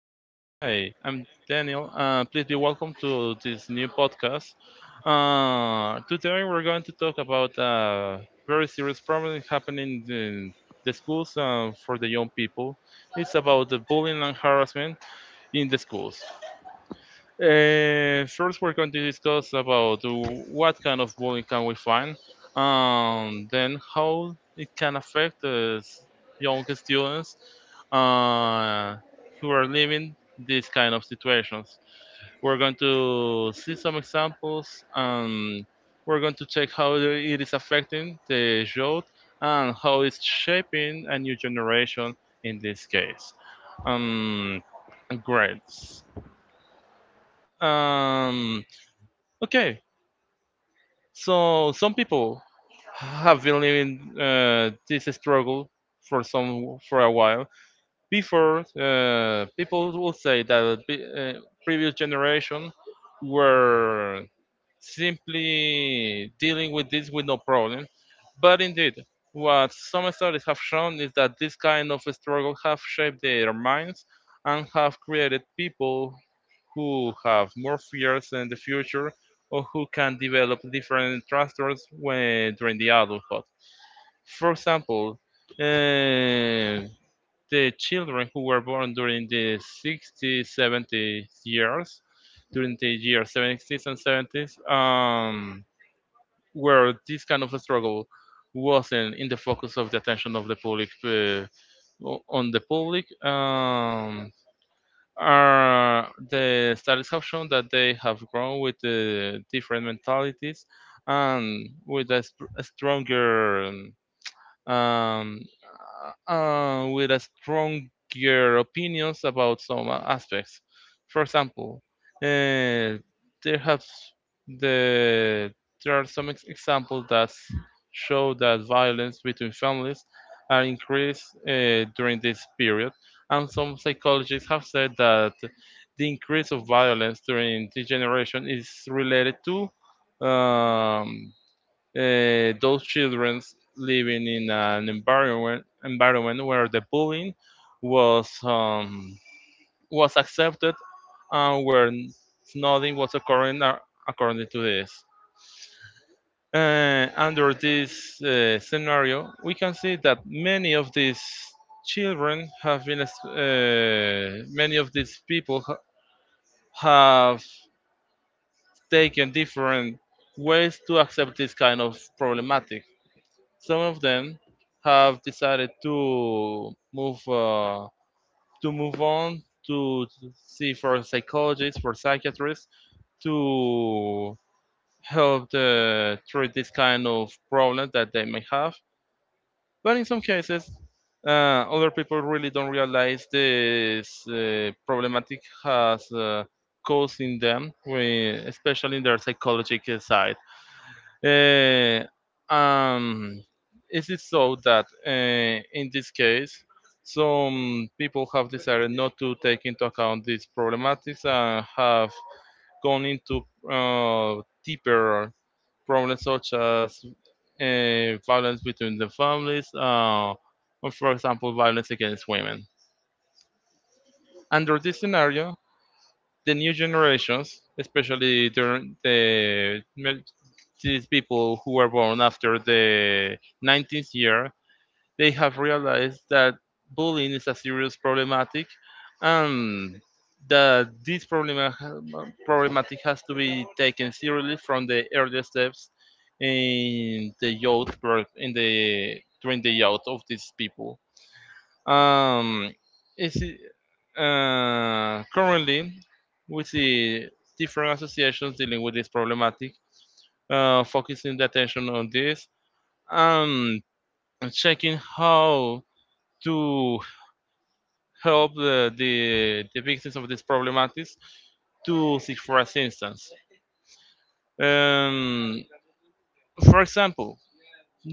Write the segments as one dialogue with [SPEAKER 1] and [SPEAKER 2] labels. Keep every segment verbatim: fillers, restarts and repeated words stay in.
[SPEAKER 1] Hi. Um,
[SPEAKER 2] I'm
[SPEAKER 1] Danny.
[SPEAKER 2] Daniel.
[SPEAKER 1] Um,
[SPEAKER 2] Uh, please be
[SPEAKER 1] and welcome
[SPEAKER 2] welcome
[SPEAKER 1] to the new
[SPEAKER 2] to this new
[SPEAKER 1] podcast.
[SPEAKER 2] podcast.
[SPEAKER 1] Um,
[SPEAKER 2] Uh,
[SPEAKER 1] Today
[SPEAKER 2] today we're
[SPEAKER 1] we're going
[SPEAKER 2] going
[SPEAKER 1] to
[SPEAKER 2] to talk
[SPEAKER 1] talk about
[SPEAKER 2] about
[SPEAKER 1] uh,
[SPEAKER 2] a very
[SPEAKER 1] various
[SPEAKER 2] serious
[SPEAKER 1] reforms
[SPEAKER 2] problem
[SPEAKER 1] happening in
[SPEAKER 2] happening
[SPEAKER 1] the
[SPEAKER 2] in
[SPEAKER 1] the
[SPEAKER 2] the
[SPEAKER 1] schools
[SPEAKER 2] schools
[SPEAKER 1] and
[SPEAKER 2] uh,
[SPEAKER 1] for
[SPEAKER 2] for the
[SPEAKER 1] the youth.
[SPEAKER 2] young people.
[SPEAKER 1] So,
[SPEAKER 2] It's about the bullying and
[SPEAKER 1] or
[SPEAKER 2] harassment
[SPEAKER 1] in
[SPEAKER 2] in the
[SPEAKER 1] the
[SPEAKER 2] schools.
[SPEAKER 1] schools. And uh,
[SPEAKER 2] Uh, first,
[SPEAKER 1] first,
[SPEAKER 2] we're
[SPEAKER 1] we're going
[SPEAKER 2] going
[SPEAKER 1] to
[SPEAKER 2] to
[SPEAKER 1] discuss
[SPEAKER 2] discuss
[SPEAKER 1] uh,
[SPEAKER 2] about
[SPEAKER 1] what
[SPEAKER 2] what
[SPEAKER 1] reforms
[SPEAKER 2] kind
[SPEAKER 1] are,
[SPEAKER 2] of
[SPEAKER 1] um, and
[SPEAKER 2] bullying can we
[SPEAKER 1] how
[SPEAKER 2] find,
[SPEAKER 1] it
[SPEAKER 2] and then how it
[SPEAKER 1] can
[SPEAKER 2] can
[SPEAKER 1] affect
[SPEAKER 2] affect
[SPEAKER 1] the young
[SPEAKER 2] the young
[SPEAKER 1] students.
[SPEAKER 2] students
[SPEAKER 1] Um,
[SPEAKER 2] uh, who
[SPEAKER 1] we're
[SPEAKER 2] are
[SPEAKER 1] leaving
[SPEAKER 2] living
[SPEAKER 1] this
[SPEAKER 2] these
[SPEAKER 1] kind
[SPEAKER 2] kind
[SPEAKER 1] of
[SPEAKER 2] of
[SPEAKER 1] situation.
[SPEAKER 2] situations.
[SPEAKER 1] We
[SPEAKER 2] We're going
[SPEAKER 1] We're going to
[SPEAKER 2] to see
[SPEAKER 1] do some
[SPEAKER 2] some
[SPEAKER 1] stuff,
[SPEAKER 2] examples,
[SPEAKER 1] and
[SPEAKER 2] and
[SPEAKER 1] we're
[SPEAKER 2] we're going
[SPEAKER 1] going
[SPEAKER 2] to
[SPEAKER 1] to check
[SPEAKER 2] check
[SPEAKER 1] how
[SPEAKER 2] how
[SPEAKER 1] it
[SPEAKER 2] it is
[SPEAKER 1] affects
[SPEAKER 2] affecting
[SPEAKER 1] the
[SPEAKER 2] the youth
[SPEAKER 1] um,
[SPEAKER 2] and
[SPEAKER 1] how
[SPEAKER 2] how
[SPEAKER 1] it's
[SPEAKER 2] it's
[SPEAKER 1] shaping
[SPEAKER 2] shaping a
[SPEAKER 1] in the
[SPEAKER 2] new
[SPEAKER 1] new
[SPEAKER 2] generation in this case. Um,
[SPEAKER 1] generation.
[SPEAKER 2] Grades. Um, Okay, so some people have been living uh, this struggle for some for a while. Before, uh, people will say that the uh, previous generation were simply dealing with this with no problem. But indeed, what some studies have shown is that this kind of struggle have shaped their minds and have created people who have more fears in the future or who can develop different disorders when during the adulthood. For example, uh, the children who were born during the sixties, seventies years, during the years sixties and seventies, um, where this kind of a struggle wasn't in the focus of the attention of the public, uh, o- on the public. Um, are the studies have shown that they have grown with the different mentalities and with a, str- a stronger um, um, uh, with a stronger opinions about some aspects. For example, uh, there have the there are some ex- examples that show that violence between families are increased uh, during this period, and some psychologists have said that the increase of violence during this generation is related to um, uh, those children living in an environment environment where the bullying was um, was accepted and where nothing was occurring a- according to this. Uh, under this uh, scenario, we can see that many of these children have been, ex- uh, many of these people ha- have taken different ways to accept this kind of problematic. Some of them have decided to move uh, to move on to see for psychologists, for psychiatrists to help the, treat this kind of problem that they may have. But in some cases, uh, other people really don't realize this uh, problematic has uh, caused in them, we- especially in their psychological side. Uh, um, is it so that uh, in this case, some people have decided not to take into account these problematics and have gone into uh, deeper problems such as uh, violence between the families, uh, or for example, violence against women. Under this scenario, the new generations, especially during the well, these people who were born after the nineteenth year, they have realized that bullying is a serious problematic, and that this problem problematic has to be taken seriously from the earliest steps in the youth pro- in the during the youth of these people. Um, is it, uh, currently, we see different associations dealing with this problematic, uh, focusing the attention on this and checking how to help the, the, the victims of these problematics to seek for assistance. Um, for example,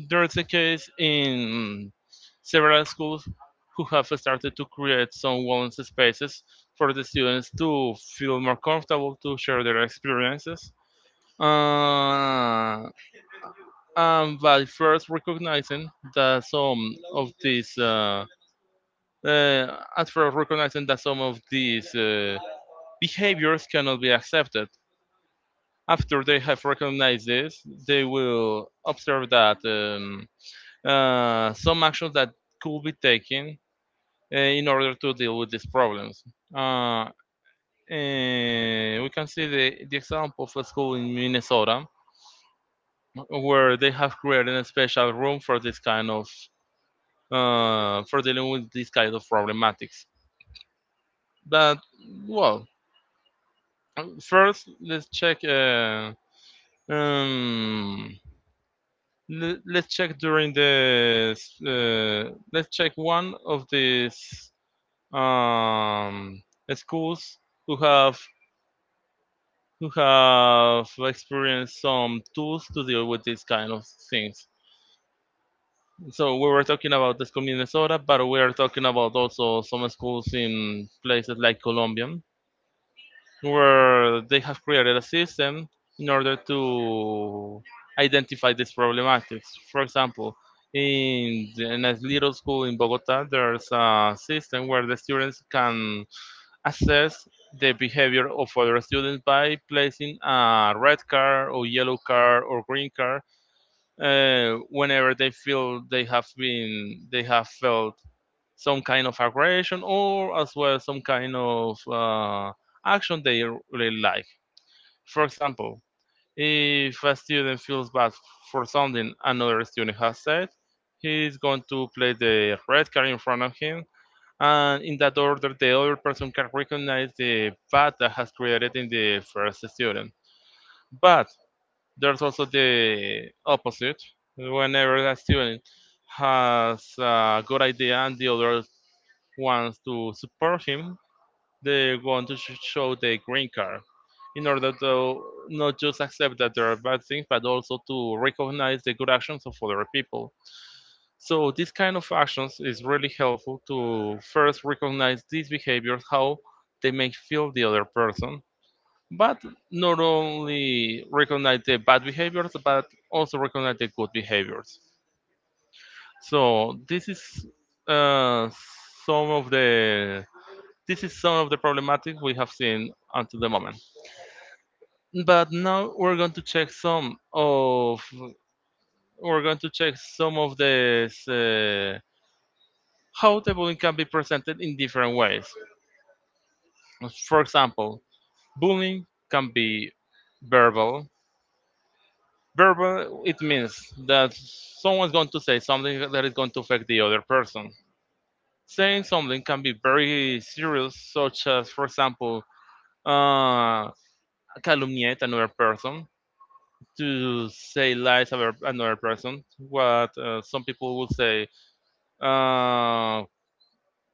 [SPEAKER 2] there's a case in several schools who have started to create some wellness spaces for the students to feel more comfortable to share their experiences. Uh, and by first recognizing that some of these, uh, uh, at first recognizing that some of these uh, behaviors cannot be accepted. After they have recognized this, they will observe that um, uh, some actions that could be taken uh, in order to deal with these problems. Uh, eh, we can see the, the example of a school in Minnesota where they have created a special room for this kind of uh, for dealing with this kind of problematics. But well, first let's check. Uh, um, le- let's check during the uh, let's check one of these um, schools who have who have experienced some tools to deal with these kind of things. So we were talking about the school in Minnesota, but we are talking about also some schools in places like Colombia, where they have created a system in order to identify these problematics. For example, in, in a little school in Bogota, there's a system where the students can assess the behavior of other students by placing a red card or yellow card or green card uh, whenever they feel they have been they have felt some kind of aggression or as well some kind of uh, action they really like. For example, if a student feels bad for something another student has said, he's going to place the red card in front of him, and in that order the other person can recognize the path that has created in the first student. But there's also the opposite: whenever a student has a good idea and the other wants to support him, they want to show the green card in order to not just accept that there are bad things but also to recognize the good actions of other people. So this kind of actions is really helpful to first recognize these behaviors, how they make feel the other person, but not only recognize the bad behaviors, but also recognize the good behaviors. So this is uh, some of the this is some of the problematic we have seen until the moment. But now we're going to check some of we're going to check some of the how the bullying can be presented in different ways. For example, bullying can be verbal. Verbal, it means that someone's going to say something that is going to affect the other person. Saying something can be very serious, such as, for example, uh, calumniate another person, to say lies about another person, what uh, some people would say, uh,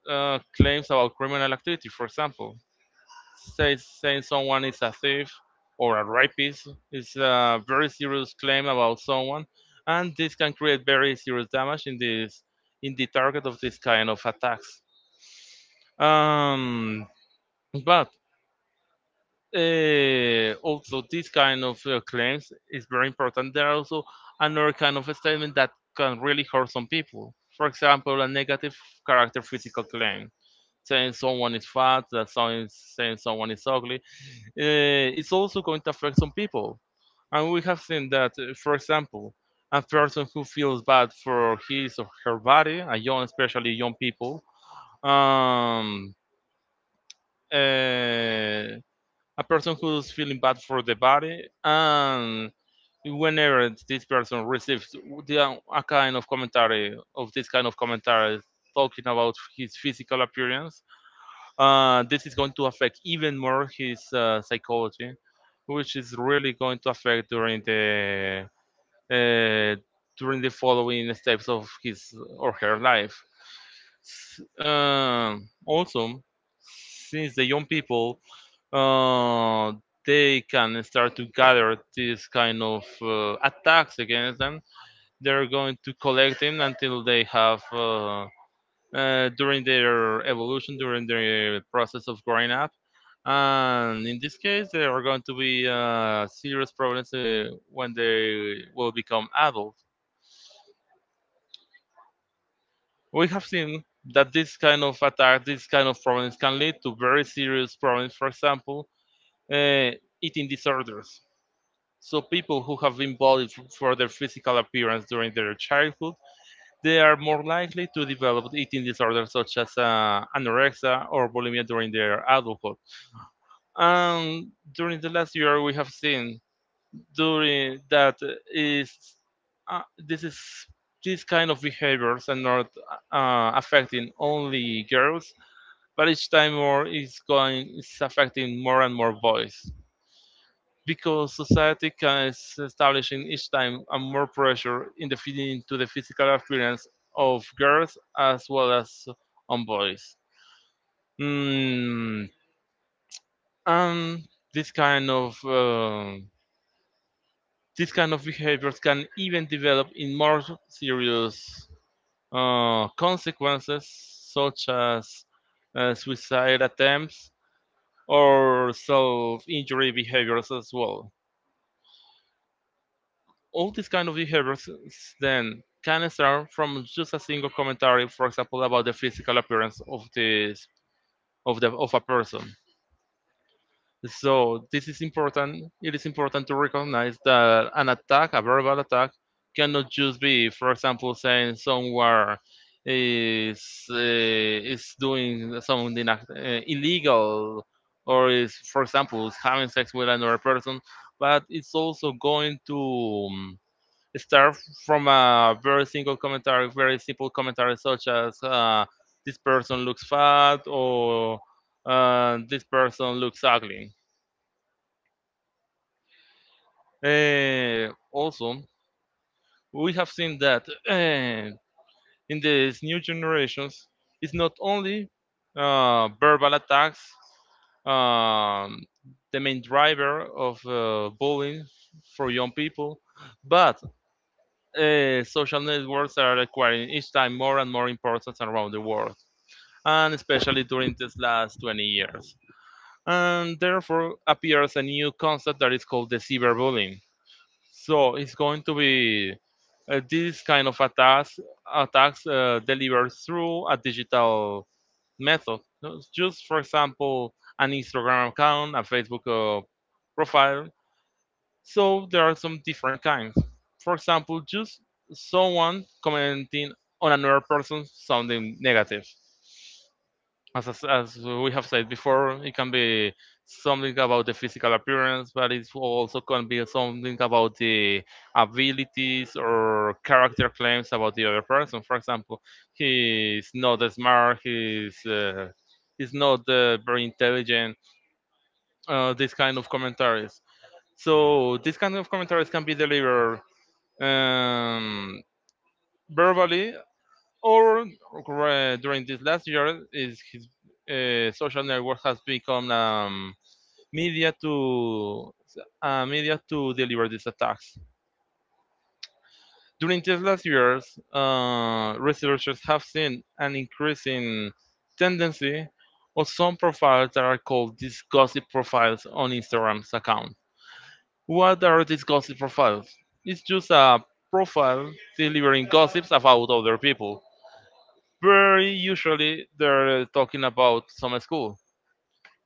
[SPEAKER 2] uh, claims about criminal activity, for example. Say saying someone is a thief or a rapist is a very serious claim about someone, and this can create very serious damage in this in the target of this kind of attacks. Um, but uh, Also this kind of uh, claims is very important. There are also another kind of statement that can really hurt some people. For example, a negative character physical claim saying someone is fat, that someone is saying someone is ugly, uh, it's also going to affect some people. And we have seen that, uh, for example, a person who feels bad for his or her body, a young, especially young people, um, uh, a person who's feeling bad for the body, and whenever this person receives the, a kind of commentary of this kind of commentary talking about his physical appearance, uh, this is going to affect even more his uh, psychology, which is really going to affect during the uh, during the following steps of his or her life. S- Um also, since the young people uh, they can start to gather these kind of uh, attacks against them, they're going to collect them until they have. Uh, uh, during their evolution, during their process of growing up. And in this case, there are going to be uh, serious problems uh, when they will become adults. We have seen that this kind of attack, this kind of problems can lead to very serious problems, for example, uh, eating disorders. So people who have been bullied for their physical appearance during their childhood, they are more likely to develop eating disorders such as uh, anorexia or bulimia during their adulthood. And during the last year, we have seen during that is uh, this is these kind of behaviors are not uh, affecting only girls, but each time more is going is affecting more and more boys because society can is establishing each time a more pressure in the feeding into the physical appearance of girls as well as on boys. Mm, and this kind of uh, These kind of behaviors can even develop in more serious uh, consequences, such as uh, suicide attempts or self-injury behaviors as well. All these kind of behaviors then can start from just a single commentary, for example, about the physical appearance of this of the of a person. So this is important. It is important to recognize that an attack, a verbal attack, cannot just be, for example, saying someone is uh, is doing something uh, illegal, or is, for example, is having sex with another person. But it's also going to um, start from a very single commentary, very simple commentary, such as uh, this person looks fat or uh, this person looks ugly. Uh, also, we have seen that uh, in these new generations, it's not only uh, verbal attacks, um, the main driver of uh, bullying for young people, but uh, social networks are acquiring each time more and more importance around the world, and especially during these last twenty years. And therefore appears a new concept that is called the cyberbullying. So it's going to be uh, this kind of attacks attacks uh, delivered through a digital method. So it's just, for example, an Instagram account, a Facebook uh, profile. So there are some different kinds. For example, just someone commenting on another person sounding negative, as, as as we have said before, it can be something about the physical appearance, but it also can be something about the abilities or character claims about the other person. For example, he's not as smart, he's uh, he's not uh, very intelligent. Uh, this kind of commentaries. So this kind of commentaries can be delivered um, verbally or uh, during this last year, is his uh, social network has become um, media to uh, media to deliver these attacks. During these last years, uh, researchers have seen an increasing tendency of some profiles that are called these gossip profiles on Instagram's account. What are these gossip profiles? It's just a profile delivering gossips about other people. Very usually they're talking about some school.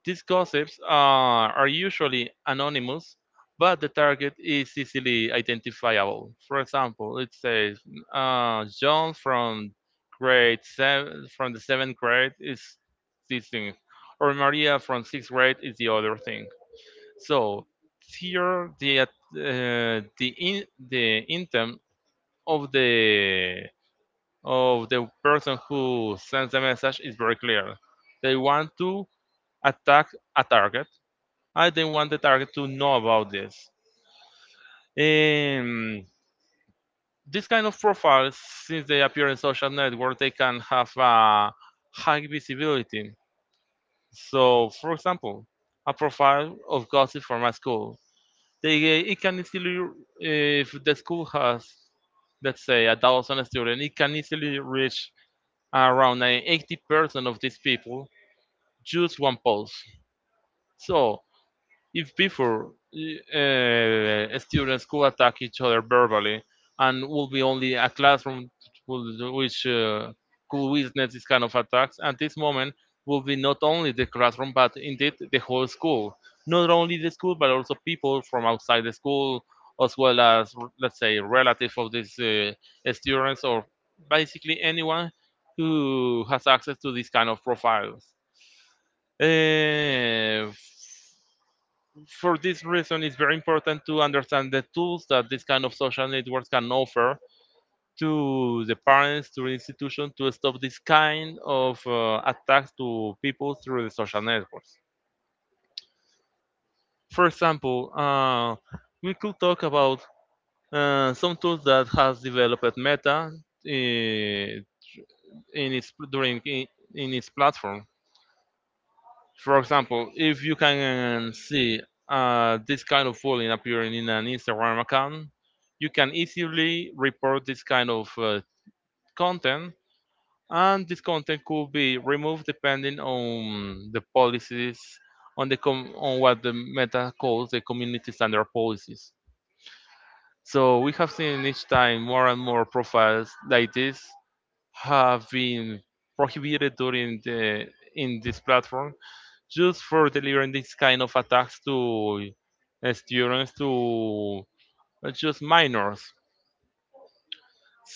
[SPEAKER 2] These gossips uh, are usually anonymous, but the target is easily identifiable. For example, it says uh, John from grade seven, from the seventh grade is this thing, or Maria from sixth grade is the other thing. So here the uh, the in, the intent of the of the person who sends the message is very clear. They want to attack a target. I don't want the target to know about this. Um, this kind of profiles, since they appear in social network, they can have a high visibility. So, for example, a profile of gossip from a school, they eh, it can easily, if the school has, let's say, a thousand students, it can easily reach around eh, eighty percent of these people just one pulse. So, if before uh, students could attack each other verbally and would be only a classroom would- which uh, could witness this kind of attacks, at this moment will be not only the classroom but indeed the whole school. Not only the school but also people from outside the school as well as, let's say, relative of these uh, students or basically anyone who has access to these kind of profiles. Uh, for this reason, it's very important to understand the tools that this kind of social networks can offer to the parents, to the institution, to stop this kind of uh, attacks to people through the social networks. For example, uh, we could talk about uh, some tools that has developed Meta uh, in its during in, in its platform. For example, if you can um, see uh, this kind of bullying appearing in an Instagram account, you can easily report this kind of uh, content, and this content could be removed depending on the policies on the com- on what the Meta calls the community standard policies. So we have seen each time more and more profiles like this have been prohibited during the in this platform just for delivering this kind of attacks to uh, students to uh, just minors.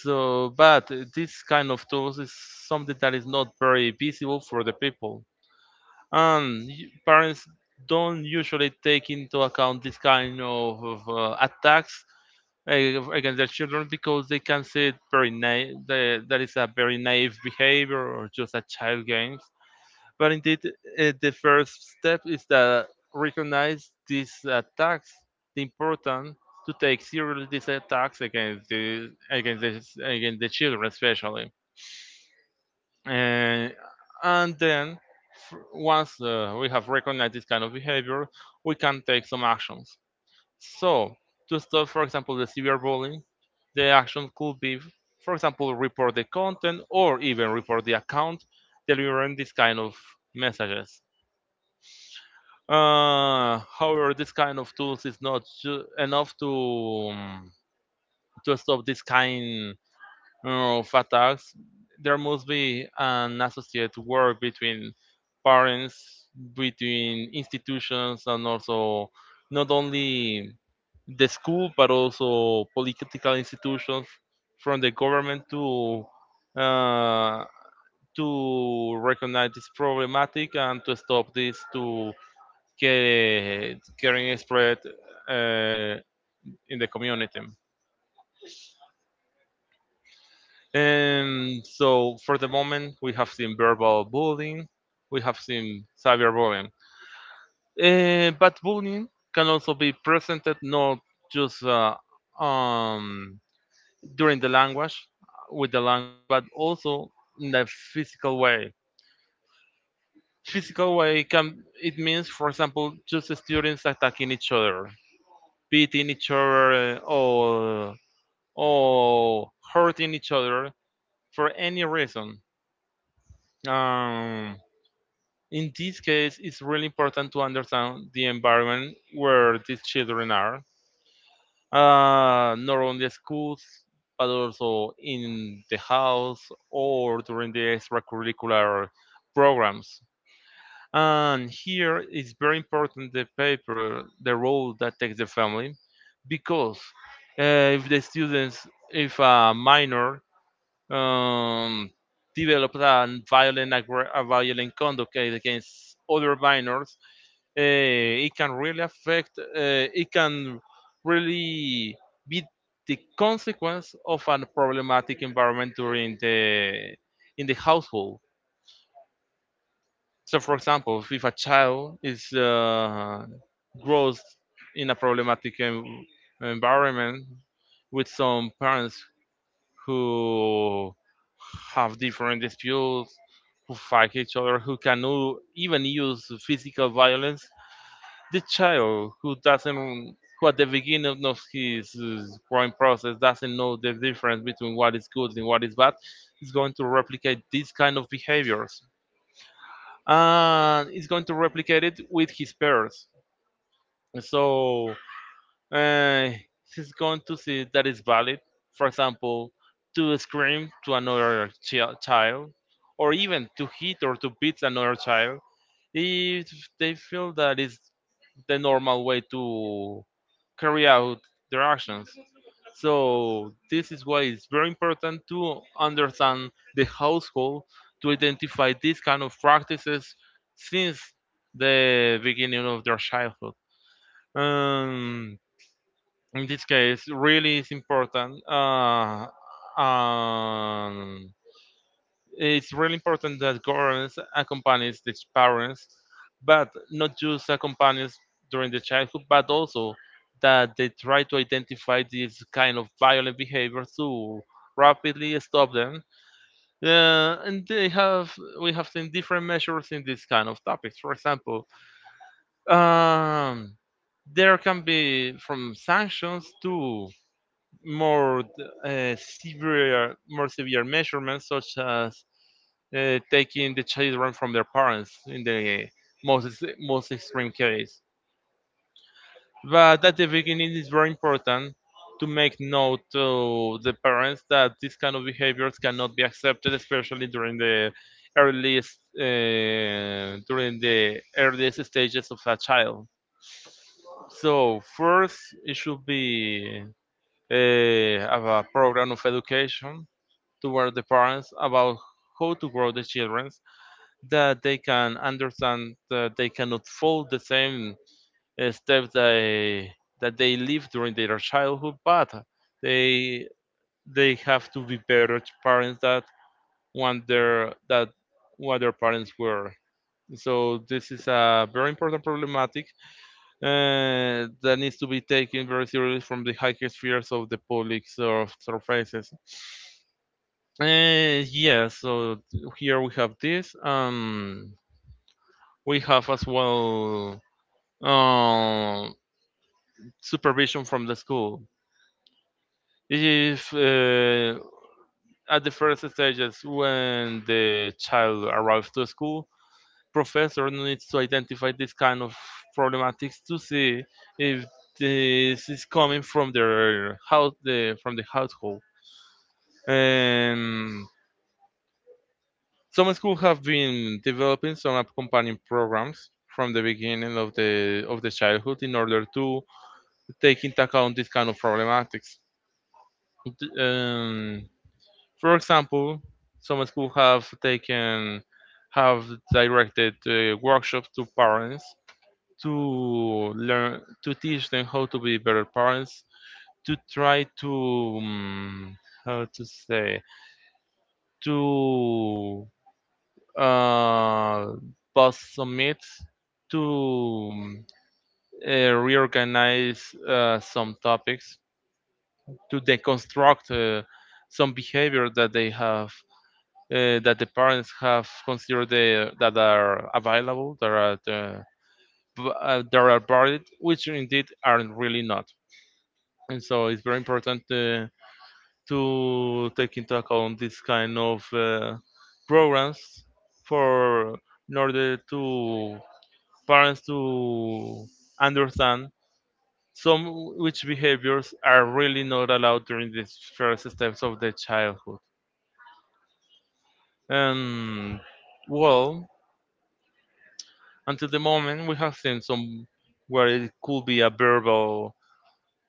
[SPEAKER 2] So, but this kind of tools is something that is not very visible for the people, and parents don't usually take into account this kind of, of, uh, attacks uh, against their children because they can see it very naive. That is a very naive behavior or just a child games. But indeed, uh, the first step is that recognize these attacks, the important to take seriously these attacks against the against the, against the children, especially. And and then f- once uh, we have recognized this kind of behavior, we can take some actions. So to stop, for example, the severe bullying, the action could be, for example, report the content or even report the account delivering this kind of messages. Uh, however, this kind of tools is not ju- enough to um, to stop this kind of attacks. There must be an associate work between parents, between institutions, and also not only the school but also political institutions from the government to uh, to recognize this problematic and to stop this to get getting spread uh, in the community. And so for the moment, we have seen verbal bullying, we have seen cyberbullying. Uh, but bullying can also be presented not just uh, um, during the language, with the language, but also in the physical way. Physical way can it means, for example, just students attacking each other, beating each other, uh, or or hurting each other for any reason. Um, in this case, it's really important to understand the environment where these children are, uh, not only schools, but also in the house or during the extracurricular programs. And here it's very important the paper, the role that takes the family, because uh, if the students, if a minor um, developed a violent, aggra- a violent conduct, okay, against other minors. uh, it can really affect, uh, it can really be the consequence of a problematic environment during the in the household. So, for example, if a child is uh, grows in a problematic en- environment with some parents who have different disputes, who fight each other, who can u- even use physical violence. The child who doesn't, who at the beginning of his uh, growing process doesn't know the difference between what is good and what is bad, is going to replicate these kind of behaviors, and is going to replicate it with his peers. So uh, he's going to see that is valid. For example, to scream to another chi- child, or even to hit or to beat another child, if they feel that is the normal way to carry out their actions. So this is why it's very important to understand the household to identify these kind of practices since the beginning of their childhood. Um, in this case really is important uh, um, it's really important that governments accompanies the parents, but not just accompanies during the childhood, but also that they try to identify these kind of violent behaviors to rapidly stop them. uh, and they have we have seen different measures in these kind of topics. For example, um, there can be from sanctions to more uh, severe more severe measurements, such as uh, taking the children from their parents in the most most extreme case. But at the beginning it's very important to make note to the parents that this kind of behaviors cannot be accepted, especially during the earliest uh, during the earliest stages of a child. So first it should be uh, have a program of education toward the parents about how to grow the children, that they can understand that they cannot follow the same uh, steps they, that they live during their childhood, but they they have to be better parents that want their that what their parents were. So this is a very important problematic uh, that needs to be taken very seriously from the highest spheres of the public sur- surfaces. Uh, yeah, so here we have this. Um, we have as well uh, supervision from the school. If uh, at the first stages when the child arrives to school, professor needs to identify this kind of problematics to see if this is coming from their house, the, from the household. Um, Some schools have been developing some accompanying programs from the beginning of the of the childhood in order to take into account this kind of problematics. D- Um, for example, some schools have taken have directed uh, workshops to parents to learn to teach them how to be better parents to try to, um, how to say, to uh, boss summits to uh, reorganize uh, some topics, to deconstruct uh, some behavior that they have, uh, that the parents have considered they, that are available, that are the, uh, that are valid, which indeed aren't really not. And so it's very important uh, to take into account this kind of uh, programs for in order to parents to understand some which behaviors are really not allowed during the first steps of the childhood. And well, until the moment we have seen some where it could be a verbal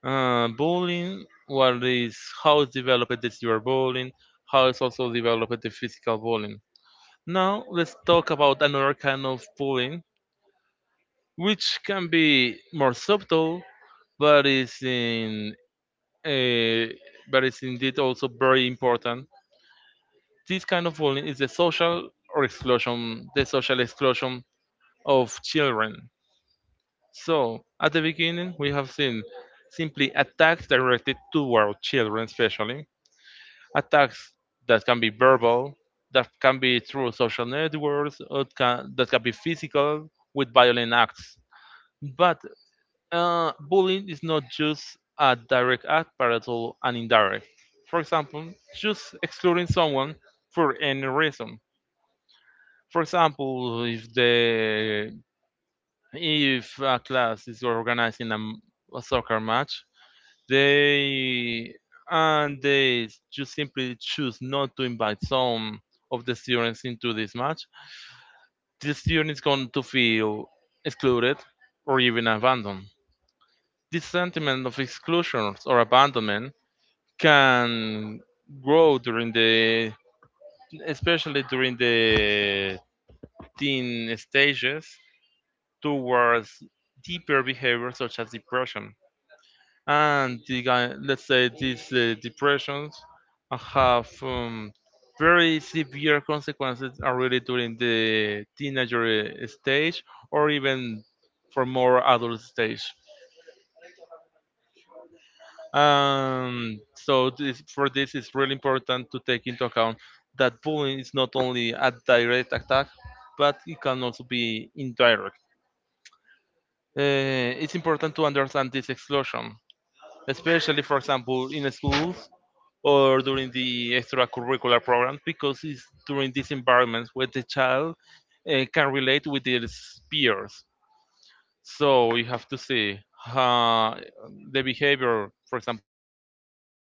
[SPEAKER 2] uh, bullying, what is how developed is your bullying, how is also developed the physical bullying. Now let's talk about another kind of bullying, which can be more subtle, but is in uh, but it's indeed also very important. This kind of bullying is the social or exclusion, the social exclusion of children. So at the beginning, we have seen simply attacks directed toward children, especially attacks that can be verbal, that can be through social networks, or can, that can be physical with violent acts. But, Uh, bullying is not just a direct act, but also an indirect. For example, just excluding someone for any reason. For example, if the if a class is organizing a, m- a soccer match, they and they just simply choose not to invite some of the students into this match, the student is going to feel excluded or even abandoned. This sentiment of exclusion or abandonment can grow during the especially during the teen stages towards deeper behaviors such as depression and the, guy- let's say these uh, depressions have um, very severe consequences already during the teenager uh, stage or even for more adult stage. Um, so this, for this, it's really important to take into account that bullying is not only a direct attack, but it can also be indirect. Uh, it's important to understand this exclusion, especially, for example, in schools or during the extracurricular programs, because it's during these environments where the child uh, can relate with his peers. So you have to see uh, the behavior, for example, during the class,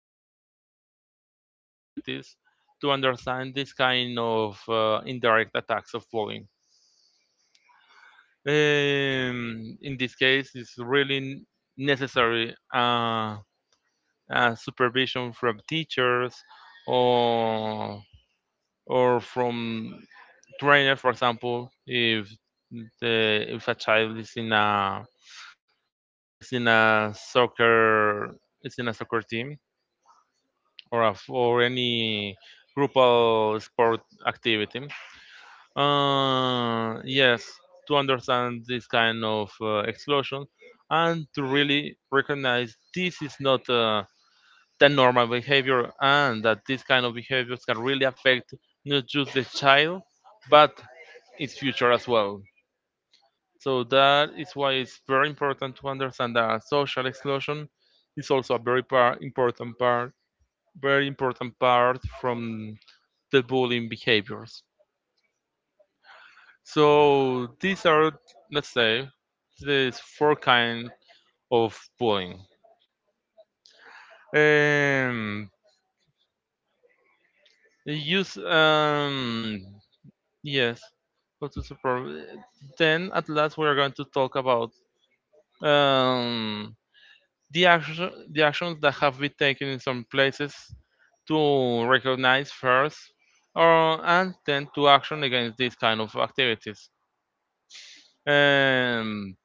[SPEAKER 2] during the Drupal activities to understand this kind of uh, indirect attacks of plugin. Um, in this case, it's really necessary uh, uh, supervision from teachers or or from trainer, for example, if the, if a child is in a is in a soccer is in a soccer team or a, for any grupal sport activity. Uh, yes, to understand this kind of uh, explosion and to really recognize this is not uh, the normal behavior and that this kind of behaviors can really affect not just the child but its future as well. So that is why it's very important to understand that social exclusion is also a very par- important part very important part from the bullying behaviors. So these are, let's say, these four kinds of bullying. Um, use um, yes. But it's problem. Then at last we are going to talk about um, the action, the actions that have been taken in some places to recognize first, or and then to action against these kind of activities. Um,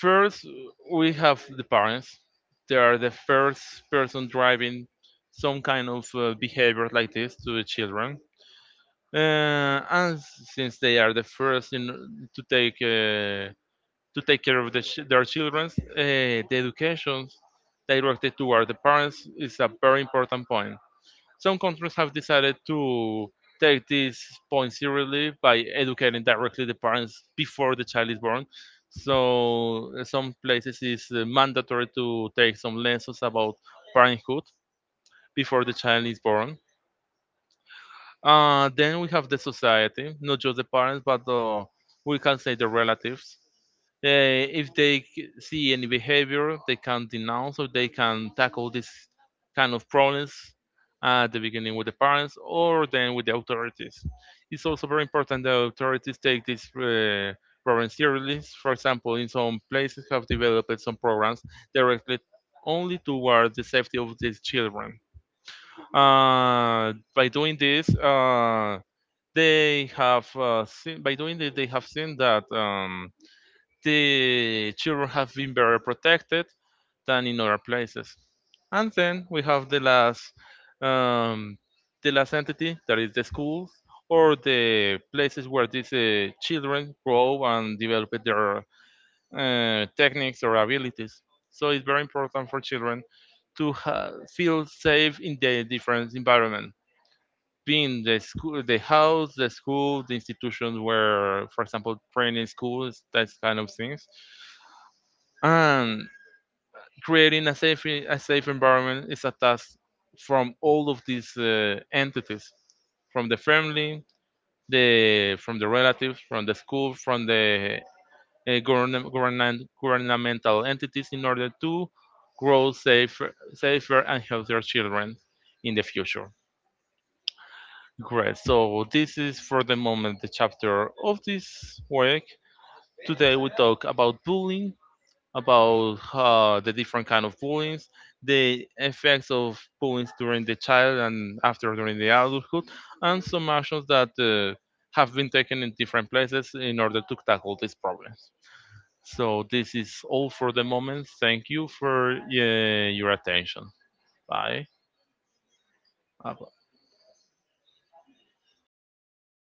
[SPEAKER 2] First, we have the parents. They are the first person driving some kind of uh, behavior like this to the children. Uh, and since they are the first in, to take uh, to take care of the ch- their children, uh, the education directed toward the parents is a very important point. Some countries have decided to take this point seriously by educating directly the parents before the child is born. So uh, some places it's uh, mandatory to take some lessons about parenthood before the child is born. Uh, then we have the society, not just the parents, but uh, we can say the relatives. Uh, if they c- see any behavior, they can denounce or they can tackle this kind of problems at the beginning with the parents or then with the authorities. It's also very important that authorities take these uh, problems seriously. For example, in some places have developed some programs directly only toward the safety of these children. Uh, by doing this, uh, they have uh, seen, by doing this, they have seen that. Um, the children have been better protected than in other places. And then we have the last um, the last entity that is the schools or the places where these uh, children grow and develop their uh, techniques or abilities. So it's very important for children to ha- feel safe in the different environment, being the school, the house, the school, the institutions where, for example, training schools, that kind of things. And creating a safe a safe environment is a task from all of these uh, entities, from the family, the from the relatives, from the school, from the uh, govern, government, governmental entities, in order to grow safer, safer and healthier children in the future. Great. So this is for the moment the chapter of this week. Today we talk about bullying, about uh, the different kind of bullying, the effects of bullying during the child and after during the adulthood, and some actions that uh, have been taken in different places in order to tackle these problems. So this is all for the moment. Thank you for uh, your attention. Bye. Uh,